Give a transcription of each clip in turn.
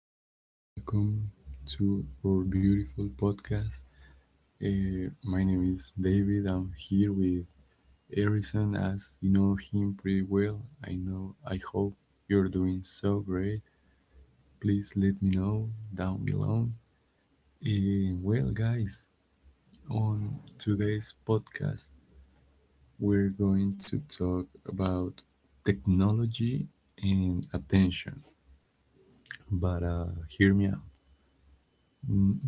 guys, welcome to our beautiful podcast. My name is David. I'm here with Harrison, as you know him pretty well. I know, I hope you're doing so great. Please let me know down below. Guys, on today's podcast, we're going to talk about technology and attention. But hear me out.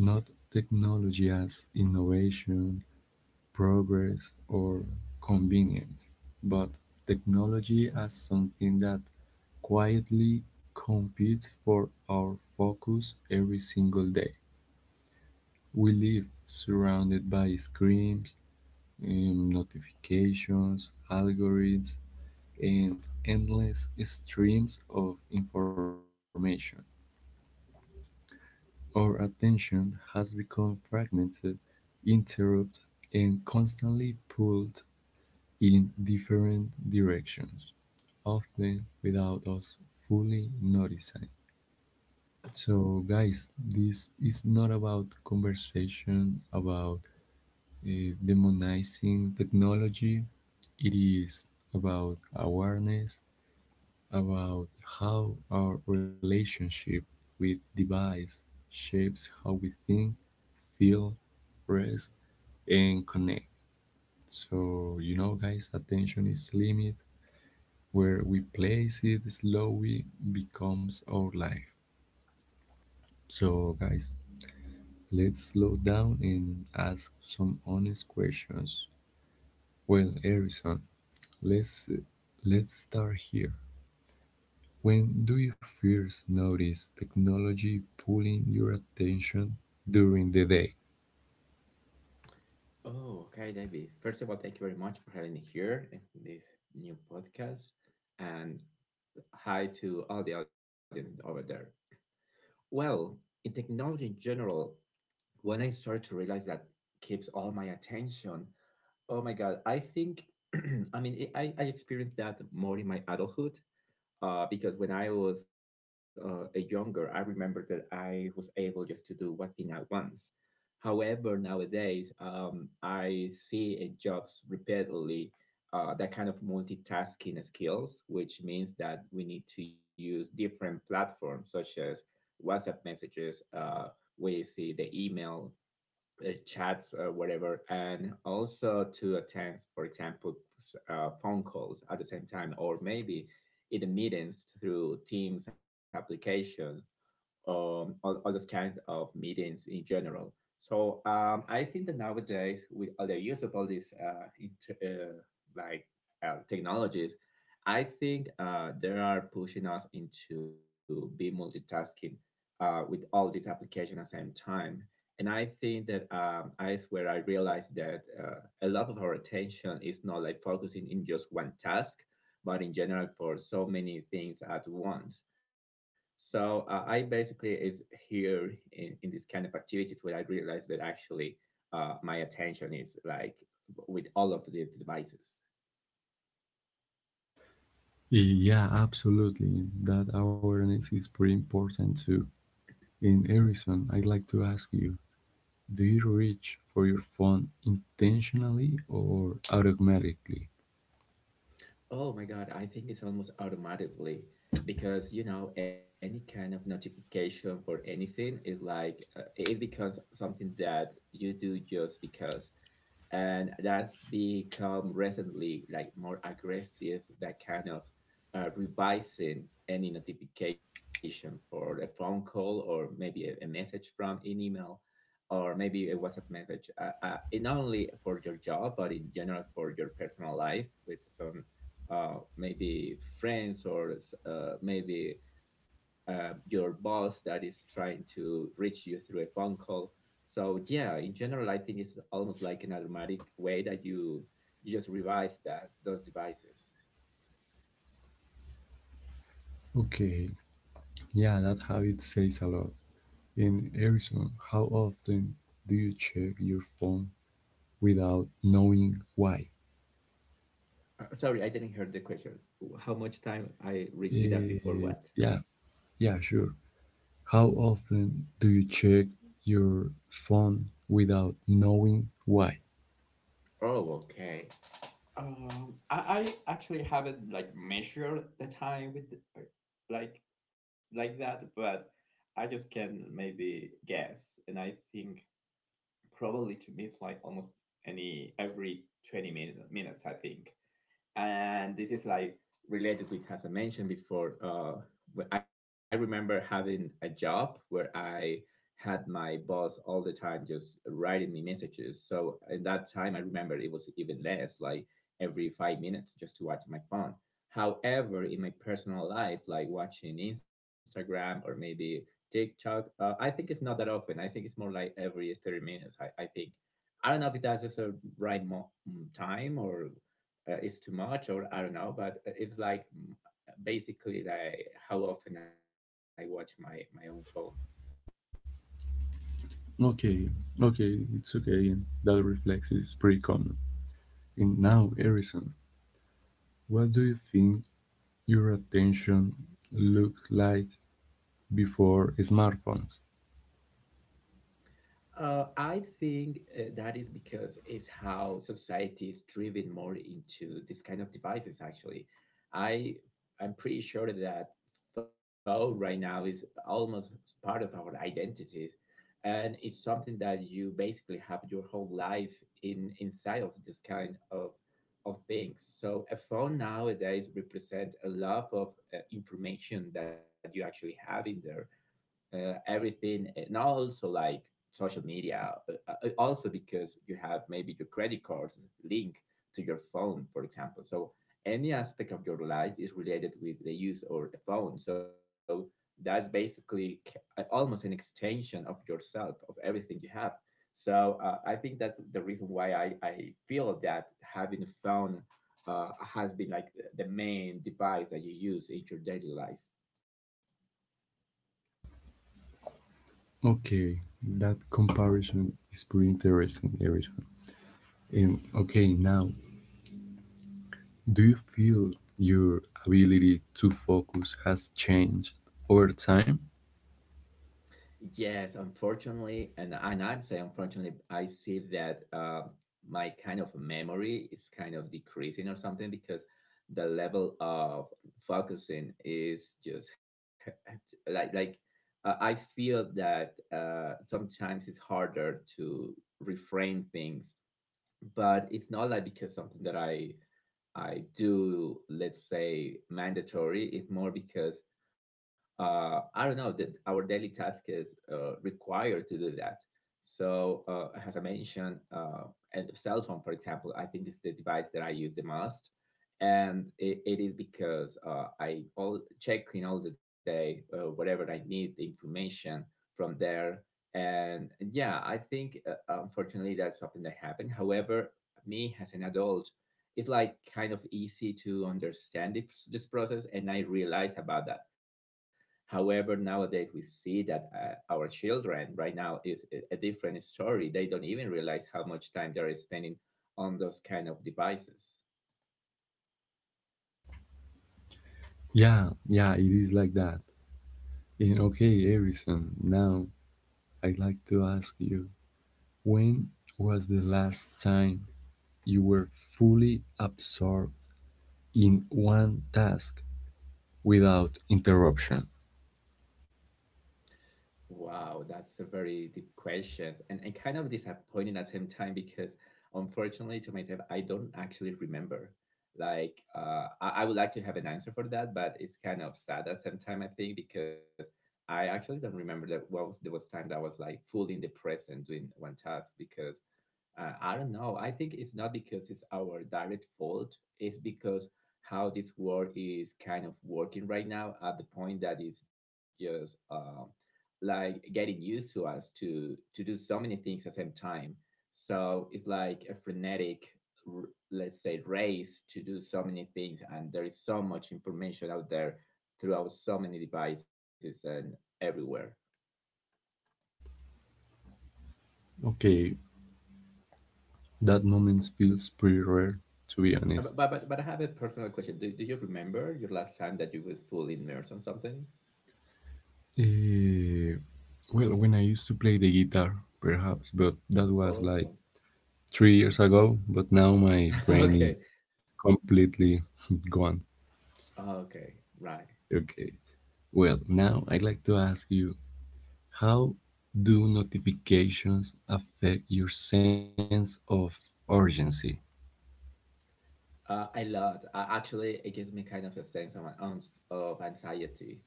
Not technology as innovation, progress, or convenience, but technology as something that quietly competes for our focus every single day. We live surrounded by screens, notifications, algorithms, and endless streams of information. Our attention has become fragmented, interrupted, and constantly pulled in different directions, often without us fully noticing. So, guys, this is not about conversation about uh, demonizing technology, it is about awareness about how our relationship with device shapes how we think, feel, rest, and connect. So, guys, attention is limit. Where we place it slowly becomes our life. So, guys, let's slow down and ask some honest questions. Well, Harrison, let's let's start here. When do you first notice technology pulling your attention during the day? Oh, okay, David. First of all, thank you very much for having me here in this new podcast. And hi to all the audience over there. Well, in technology in general, when I started to realize that keeps all my attention, oh my God, I think, I mean, I experienced that more in my adulthood, because when I was a younger, I remember that I was able just to do one thing at once. However, nowadays, I see in jobs repeatedly, that kind of multitasking skills, which means that we need to use different platforms such as WhatsApp messages, we see the email, chats, whatever, and also to attend, for example, phone calls at the same time, or maybe in the meetings through Teams application, all those kinds of meetings in general. So I think that nowadays, with all the use of all these uh, like technologies, I think they are pushing us into be multitasking, with all these applications at the same time. And I think that I where I realized that a lot of our attention is not like focusing in just one task, but in general for so many things at once. So I basically is here in this kind of activities where I realized that actually, my attention is like with all of these devices. Yeah, absolutely. That awareness is pretty important too. In Harrison, I'd like to ask you, do you reach for your phone intentionally or automatically? Oh my God, I think it's almost automatically because you know any kind of notification for anything is like, it becomes something that you do just because, and that's become recently like more aggressive, that kind of revising any notification for a phone call or maybe a message from an email, or maybe a whatsapp message. It not only for your job, but in general for your personal life with some, maybe friends or maybe your boss that is trying to reach you through a phone call. So yeah, in general, I think it's almost like an automatic way that you just revive that those devices. Okay, yeah, that habit says a lot. In Harrison, how often do you check your phone without knowing why? Sorry, I didn't hear the question. How much time I read with that before Eh, what? yeah, yeah, sure. How often do you check your phone without knowing why? Oh, okay. I actually haven't like measured the time with the, like like that, but I just can maybe guess, and I think probably to me it's like almost any every twenty minutes. I think, and this is like related with, as I mentioned before, I remember having a job where I had my boss all the time just writing me messages, so in that time I remember it was even less, like every 5 minutes just to watch my phone. However, in my personal life, like watching instagram or maybe tiktok, I think it's not that often. I think it's more like every 30 minutes. I think, I don't know if that's just a right time or it's too much, or I don't know, but it's like, basically like how often I watch my own phone. Okay, okay, it's okay, and that reflex is pretty common. And now, Harrison, what do you think your attention looked like before smartphones? I think that is because it's how society is driven more into this kind of devices. Actually, I I'm pretty sure that phone right now is almost part of our identities, and it's something that you basically have your whole life in inside of this kind of things. So a phone nowadays represents a lot of, information that you actually have in there, everything, and also like social media. Also because you have maybe your credit cards link to your phone, for example. So any aspect of your life is related with the use or the phone. So that's basically, almost an extension of yourself, of everything you have. So I think that's the reason why I feel that having a phone, has been like the main device that you use in your daily life. Okay, that comparison is pretty interesting, Harrison. And okay, now, do you feel your ability to focus has changed over time? Yes, unfortunately, and I'm saying unfortunately, I see that, my kind of memory is kind of decreasing or something, because the level of focusing is just like like I feel that sometimes it's harder to reframe things, but it's not like because something that I do, let's say, mandatory. It's more because I don't know that our daily task is, required to do that. So, as I mentioned, and cell phone, for example, I think it's the device that I use the most, and it is because I all check in all the day, whatever I need the information from there. And yeah, I think, unfortunately that's something that happened. However, me as an adult, it's like kind of easy to understand this process, and I realize about that. However, nowadays we see that, our children right now is a different story. They don't even realize how much time they're spending on those kind of devices. Yeah, yeah, it is like that. And okay, Harrison, now I'd like to ask you, when was the last time you were fully absorbed in one task without interruption? Wow, that's a very deep question, and, kind of disappointing at the same time, because unfortunately to myself, I don't actually remember. Like, I would like to have an answer for that, but it's kind of sad at the same time, I think, because I actually don't remember that what was there was time that I was like fully in the present doing one task, because I don't know. I think it's not because it's our direct fault. It's because how this world is kind of working right now, at the point that it's just, like getting used to us to do so many things at the same time. So it's like a frenetic, let's say, race to do so many things, and there is so much information out there throughout so many devices and everywhere. Okay, that moment feels pretty rare, to be Uh, honest. But, but but I have a personal question. Do you remember your last time that you were fully immersed on something? Eh, well, when I used to play the guitar, perhaps, but that was Oh, like no. 3 years ago, but now my brain Okay, is completely gone. okay, right. Okay. Well, now I'd like to ask you, how do notifications affect your sense of urgency? A lot. Actually, it gives me kind of a sense of, of anxiety,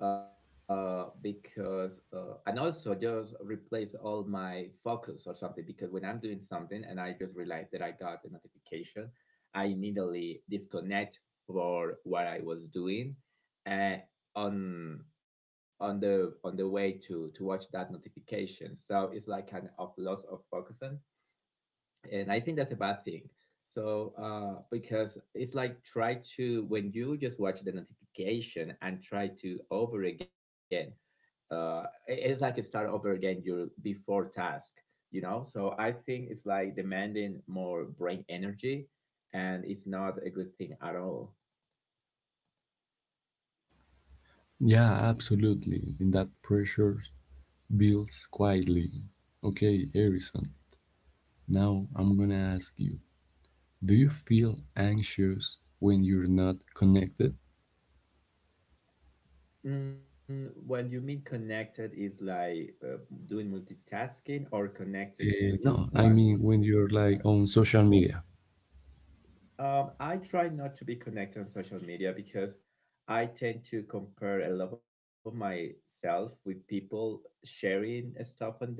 because, and also just replace all my focus or something. Because when I'm doing something and I just realize that I got a notification, I immediately disconnect for what I was doing, and on the way to watch that notification. So it's like kind of loss of focus, and I think that's a bad thing. So because it's like, try to when you just watch the notification and try to over again. Uh, it's like you start over again your before task. So I think it's like demanding more brain energy, and it's not a good thing at all. Yeah, absolutely. And that pressure builds quietly. Okay, Harrison, now I'm gonna ask you, do you feel anxious when you're not connected? When you mean connected, is like doing multitasking or connected to just No, I one mean when you're like on task. social media. I try not to be connected on social media because I tend to compare a lot of myself with people sharing stuff on there.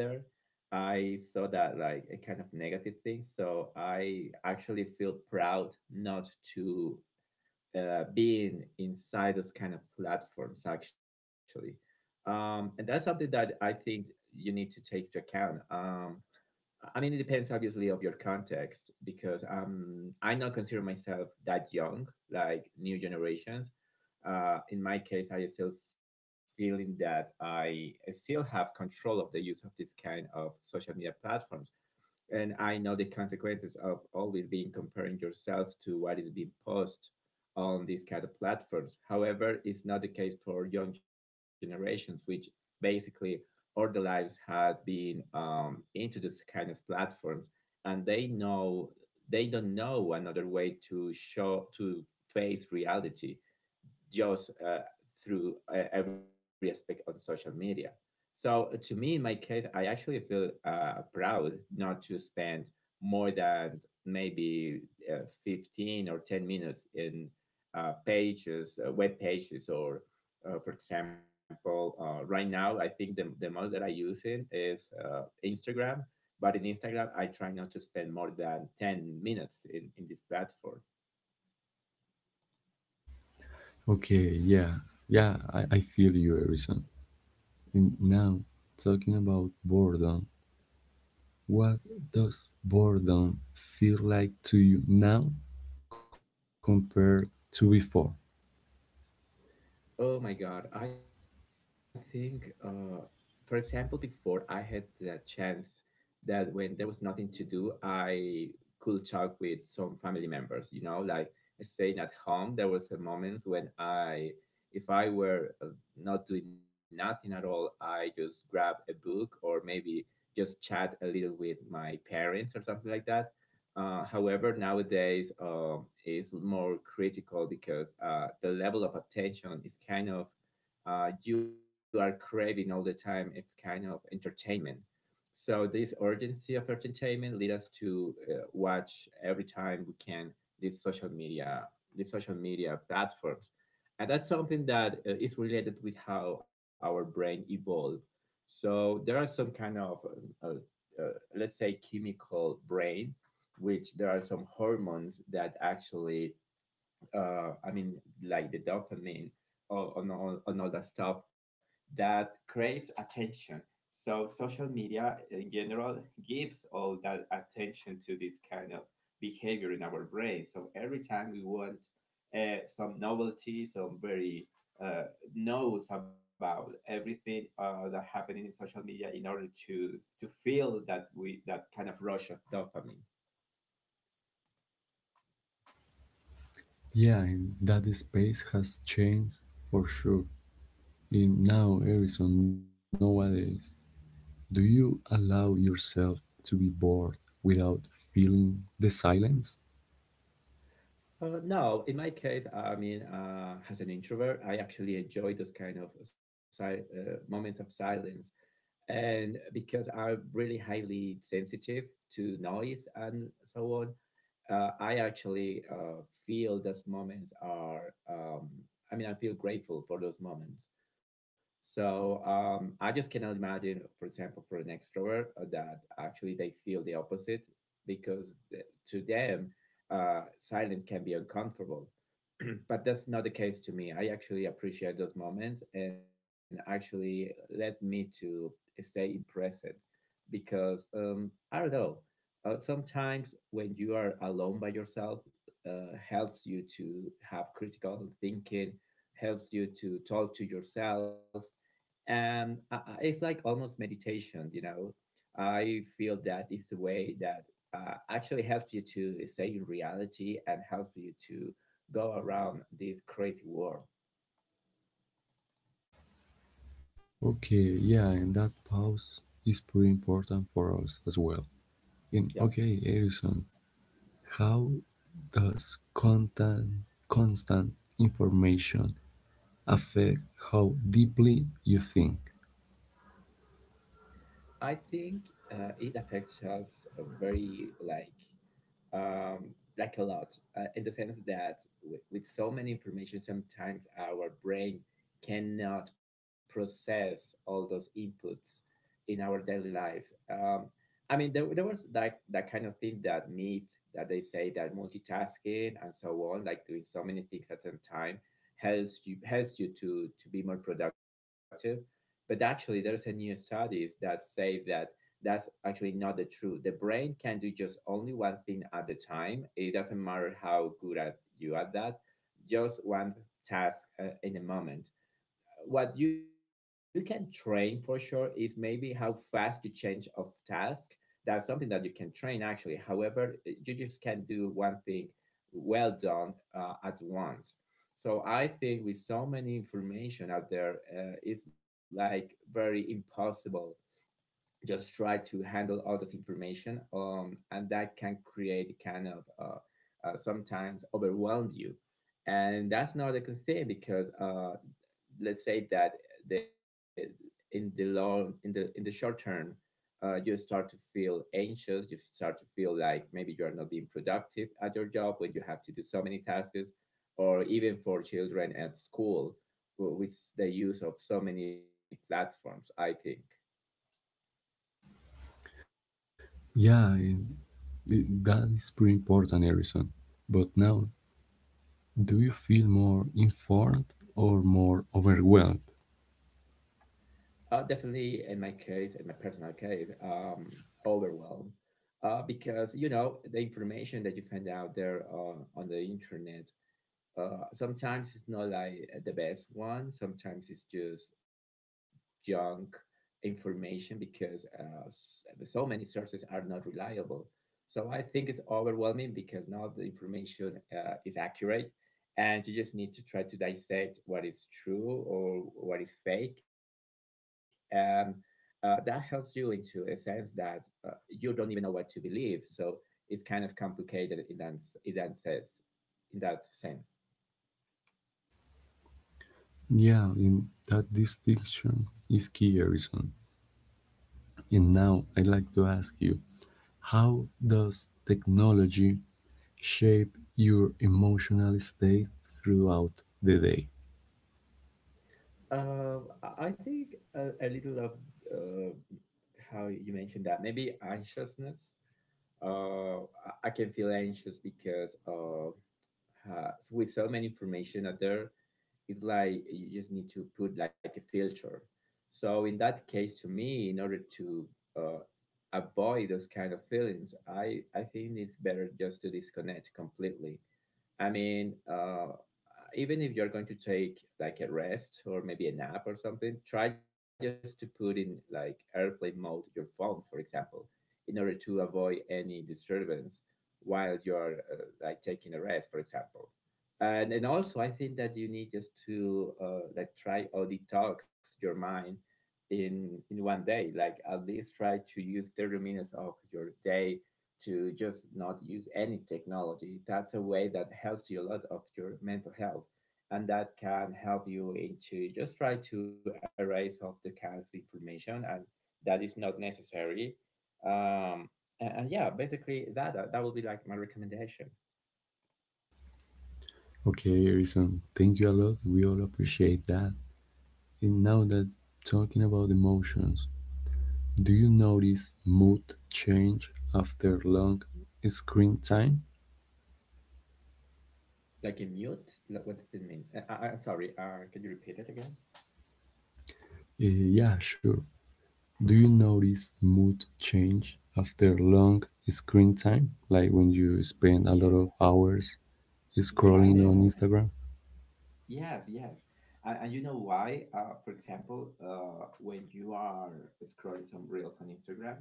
I saw that like a kind of negative thing, so I actually feel proud not to, being inside those kind of platforms actually, and that's something that I think you need to take into account. I mean, it depends obviously of your context because I not consider myself that young, like new generations. In my case, I still feeling that I still have control of the use of this kind of social media platforms, and I know the consequences of always being comparing yourself to what is being posted on these kind of platforms. However, it's not the case for young generations, which basically all their lives had been, into this kind of platforms, and they don't know another way to show to face reality, just through every aspect on social media. So to me, in my case, I actually feel, proud not to spend more than maybe 15 or 10 minutes in, pages, web pages, or for example, right now, I think the most that I use in is Instagram. But in Instagram, I try not to spend more than 10 minutes in this platform. Okay, yeah, yeah, I feel you, Harrison. And now, talking about boredom, what does boredom feel like to you now compared to before? Oh my God. I think, for example, before I had the chance that when there was nothing to do, I could talk with some family members, like staying at home. There was a moment when, if I were not doing nothing at all, I just grab a book or maybe just chat a little with my parents or something like that. However, nowadays, is more critical because the level of attention is kind of, you are craving all the time. If kind of entertainment. So this urgency of entertainment lead us to watch every time we can these social media, these social media platforms, and that's something that is related with how our brain evolved. So there are some kind of, uh, uh, let's say, chemical brain which there are some hormones that actually, I mean, like the dopamine or on all that stuff that craves attention. So social media in general gives all that attention to this kind of behavior in our brain. So every time we want some novelty, some very uh, knows about everything that happening in social media in order to feel that we that kind of rush of dopamine. Yeah, and that space has changed for sure. In now Arizona nowadays, do you allow yourself to be bored without feeling the silence? No, in my case, I mean, as an introvert, I actually enjoy those kind of moments of silence, and because I'm really highly sensitive to noise and so on, I actually feel those moments are, I mean, I feel grateful for those moments. So I just cannot imagine, for example, for an extrovert that actually they feel the opposite because to them, silence can be uncomfortable. But that's not the case to me. I actually appreciate those moments and actually led me to stay impressed because I don't know, sometimes when you are alone by yourself, helps you to have critical thinking, helps you to talk to yourself, and it's like almost meditation. I feel that it's the way that actually helps you to stay in reality and helps you to go around this crazy world. Okay, yeah, and that pause is pretty important for us as well. Yeah, And okay, Harrison, how does content, constant information affect how deeply you think. I think it affects us very like a lot in the sense that with so many information sometimes our brain cannot process all those inputs in our daily lives. I mean there was like that kind of thing, that myth that they say that multitasking and so on, like doing so many things at a time, helps you to be more productive, but actually there's a new studies that say that that's actually not the truth. The brain can do just only one thing at a time. It doesn't matter how good at you at that, just one task in a moment. What you can train for sure is maybe how fast you change of task. That's something that you can train actually. However, you just can't do one thing well done at once. So I think with so many information out there, it's like very impossible just try to handle all this information, and that can create kind of sometimes overwhelm you, and that's not a good thing because, let's say that the in the short term, you start to feel anxious, you start to feel like maybe you are not being productive at your job when you have to do so many tasks, or even for children at school with the use of so many platforms I think. Yeah, that is pretty important, Harrison. But now, do you feel more informed or more overwhelmed? Definitely, in my case, in my personal case, overwhelmed. Because you know the information that you find out there on the internet sometimes it's not like the best one. Sometimes it's just junk information because so many sources are not reliable. So I think it's overwhelming because not the information is accurate, and you just need to try to dissect what is true or what is fake, and that helps you into a sense that you don't even know what to believe. So it's kind of complicated in that in that sense. in that sense. Yeah, in that distinction is key, Harrison. And now I'd like to ask you, how does technology shape your emotional state throughout the day? I think a little of uh, how you mentioned that maybe anxiousness. Uh, I can feel anxious because with so many information out there, it's like you just need to put like a filter. So in that case, to me, in order to uh, avoid those kind of feelings, I think it's better just to disconnect completely. I mean, even if you're going to take like a rest or maybe a nap or something, try just to put in like airplane mode your phone, for example, in order to avoid any disturbance while you're like taking a rest, for example. And also, I think that you need just to like try or detox your mind in one day. Like at least try to use 30 minutes of your day to just not use any technology. That's a way that helps you a lot of your mental health. And that can help you into just try to erase off the kind of information and that is not necessary. Um, and yeah, basically that, that will be like my recommendation. Okay, Harrison, thank you a lot. We all appreciate that. And now that talking about emotions, do you notice mood change after long screen time? Like a mute? Like, what did it mean? I, I'm sorry. Can you repeat it again? Uh, yeah, sure. Do you notice mood change after long screen time? Like when you spend a lot Yeah, of hours yeah, scrolling on definitely. Instagram? Yes, yes. And you know why? For example, when you are scrolling some reels on Instagram,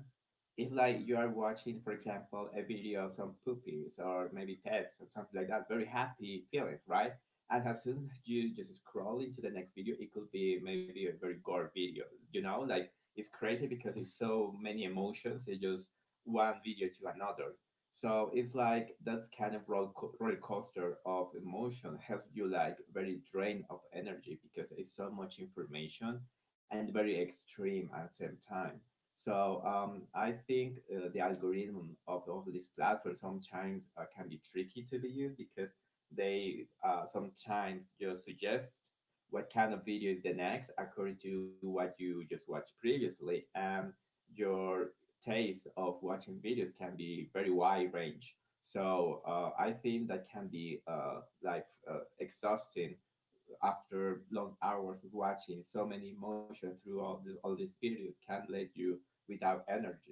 it's like you are watching, for example, a video of some puppies or maybe pets or something like that, very happy feelings, right? And as soon as you just scroll into the next video, it could be maybe a very gore video, you know? Like it's crazy because it's so many emotions, it's just one video to another. So it's like that's kind of roller coaster of emotion has you like very drained of energy because it's so much information and very extreme at the same time. So I think the algorithm of this platform sometimes can be tricky to be used because they sometimes just suggest what kind of video is the next according to what you just watched previously and your taste of watching videos can be very wide range. So I think that can be like exhausting after long hours of watching so many emotions through all these videos can leave you without energy.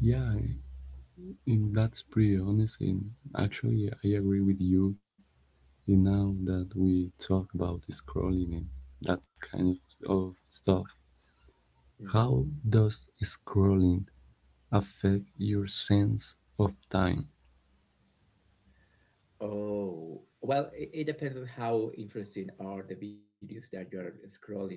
Yeah, and that's pretty honest. And actually, yeah, I agree with you. And now that we talk about scrolling and that kind of stuff, Yeah. how does scrolling affect your sense of time? Oh, well, it depends on how interesting are the videos that you're scrolling on.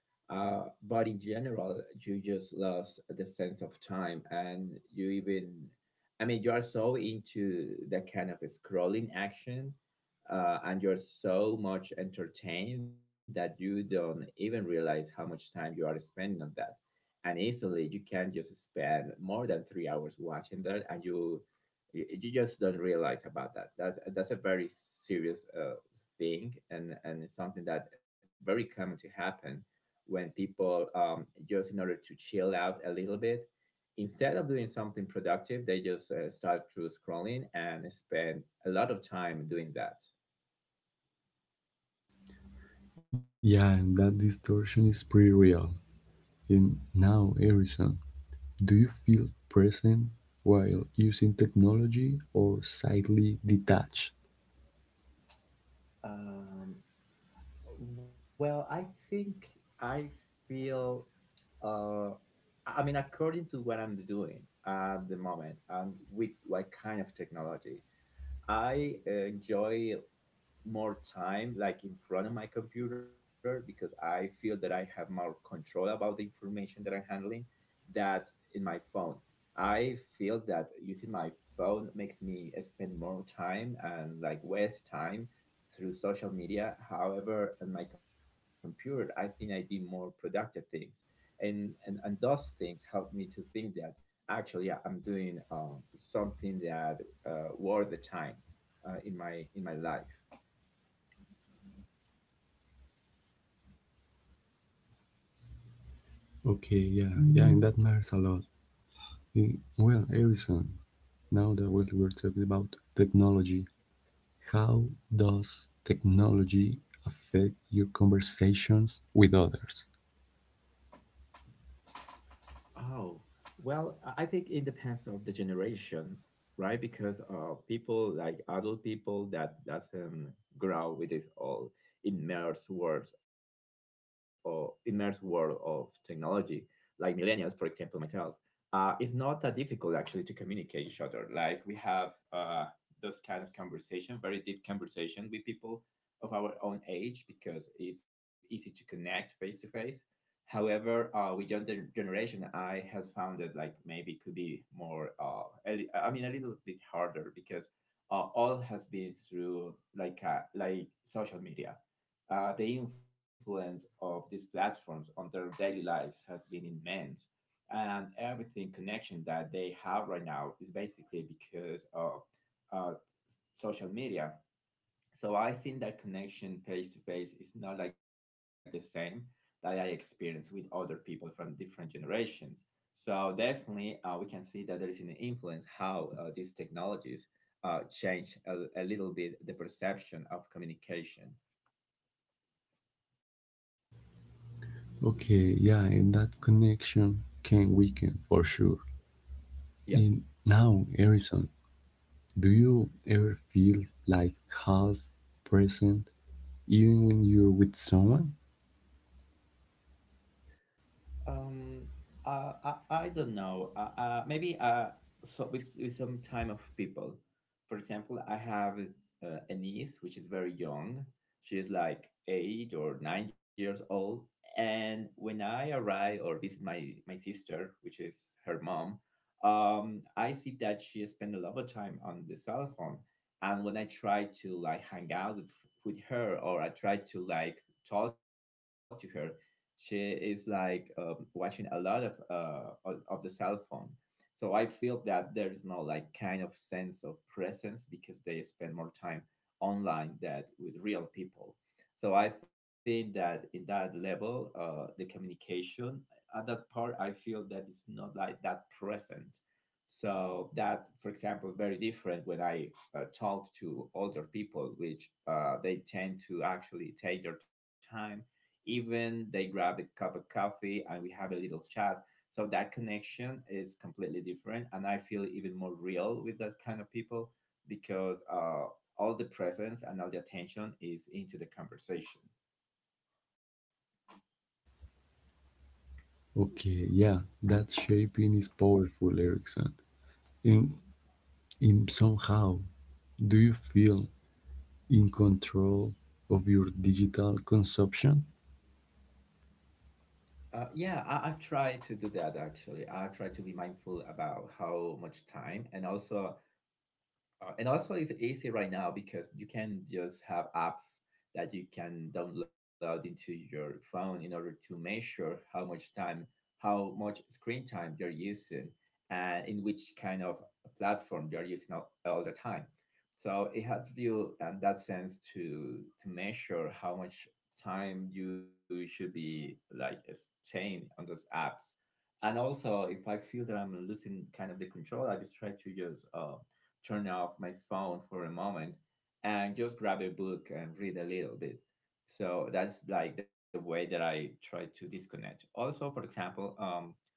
But in general, you just lost the sense of time and you even, I mean, you are so into the kind of scrolling action and you're so much entertained that you don't even realize how much time you are spending on that. And easily, you can just spend more than 3 hours watching that and you you just don't realize about that. That's a very serious thing, and it's something that very common to happen when people just in order to chill out a little bit, instead of doing something productive, they just start through scrolling and spend a lot of time doing that. Yeah, and that distortion is pretty real. And now, Harrison, do you feel present while using technology or slightly detached? Um, Well, I think I feel. Uh, I mean, according to what I'm doing at the moment and with what kind of technology, I enjoy more time like in front of my computer because I feel that I have more control about the information that I'm handling that in my phone. I feel that using my phone makes me spend more time and like waste time through social media. However, on my computer, I think I did more productive things. And those things help me to think that actually yeah, I'm doing something that worth the time in my life. Okay, yeah, yeah, and that matters a lot. Eh, well, Harrison, now that we're talking about technology, how does technology affect your conversations with others? Oh, well, I think it depends of the generation, right? Because people like adult people that doesn't grow with this all immersed worlds or immersed world of technology, like millennials, for example, myself, it's not that difficult actually to communicate each other. Like we have uh, those kind of conversation, very deep conversation with people of our own age because it's easy to connect face to face. However, with your generation, I have found that like maybe it could be more, I mean, a little bit harder because all has been through like social media. The influence of these platforms on their daily lives has been immense, and everything connection that they have right now is basically because of uh, social media, so I think that connection face to face is not like the same that I experience with other people from different generations. So definitely, we can see that there is an influence how these technologies change a little bit the perception of communication. Okay, yeah, and that connection can weaken for sure. Yeah. In now, Harrison, do you ever feel like half present even when you're with someone? Um, I don't know. Maybe so with some time of people. For example, I have a niece which is very young. She is like 8 or 9 years old. And when I arrive or visit my sister, which is her mom, I see that she spends a lot of time on the cell phone. And when I try to like hang out with her or I try to like talk to her, she is like watching a lot of the cell phone, so I feel that there is no like kind of sense of presence because they spend more time online than with real people. So I think that in that level, the communication at that part, I feel that it's not like that present. So that for example very different when I talk to older people which they tend to actually take their time, even they grab a cup of coffee and we have a little chat. So that connection is completely different and I feel even more real with that kind of people because all the presence and all the attention is into the conversation. Okay, yeah, that shaping is powerful, Erickson. And in somehow, do you feel in control of your digital consumption? Yeah, I, I've tried to do that actually. I try to be mindful about how much time and also, it's easy right now because you can just have apps that you can download into your phone in order to measure how much time, how much screen time you're using, and in which kind of platform you're using all the time. So it helps you in that sense to measure how much time you should be like staying on those apps. And also if I feel that I'm losing kind of the control I just try to just turn off my phone for a moment and just grab a book and read a little bit, so that's like the way that I try to disconnect. Also, for example, um,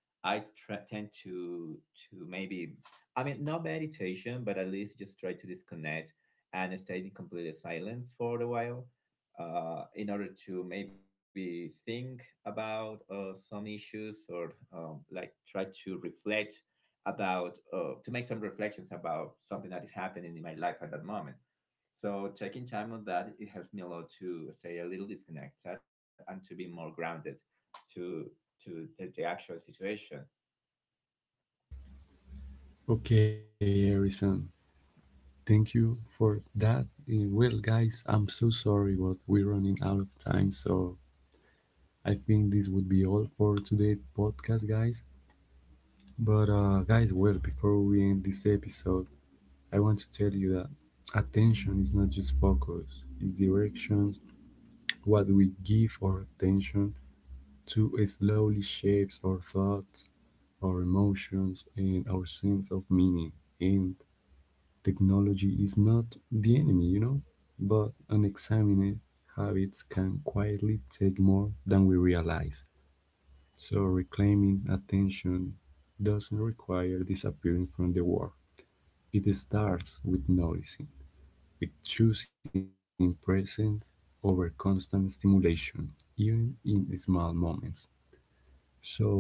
i try, tend to maybe I mean not meditation but at least just try to disconnect and stay in complete silence for a while, in order to maybe think about some issues, or like try to reflect about to make some reflections about something that is happening in my life at that moment. So taking time on that it helps me a lot to stay a little disconnected and to be more grounded to the actual situation. Okay, Harrison, thank you for that. Eh, well, guys, I'm so sorry, but we're running out of time. So I think this would be all for today's podcast, guys. But, guys, well, before we end this episode, I want to tell you that attention is not just focus, it's directions. What we give our attention to slowly shapes our thoughts, our emotions, and our sense of meaning. And technology is not the enemy, you know, but unexamined habits can quietly take more than we realize. So, reclaiming attention doesn't require disappearing from the world. It starts with noticing, with choosing presence over constant stimulation, even in small moments. So,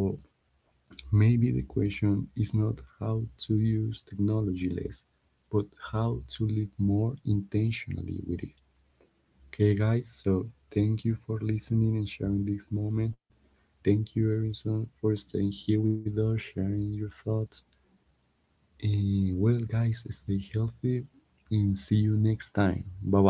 maybe the question is not how to use technology less, but how to live more intentionally with it. Okay, guys, so thank you for listening and sharing this moment. Thank you, Erinson, for staying here with us, sharing your thoughts. And well, guys, stay healthy and see you next time. Bye bye.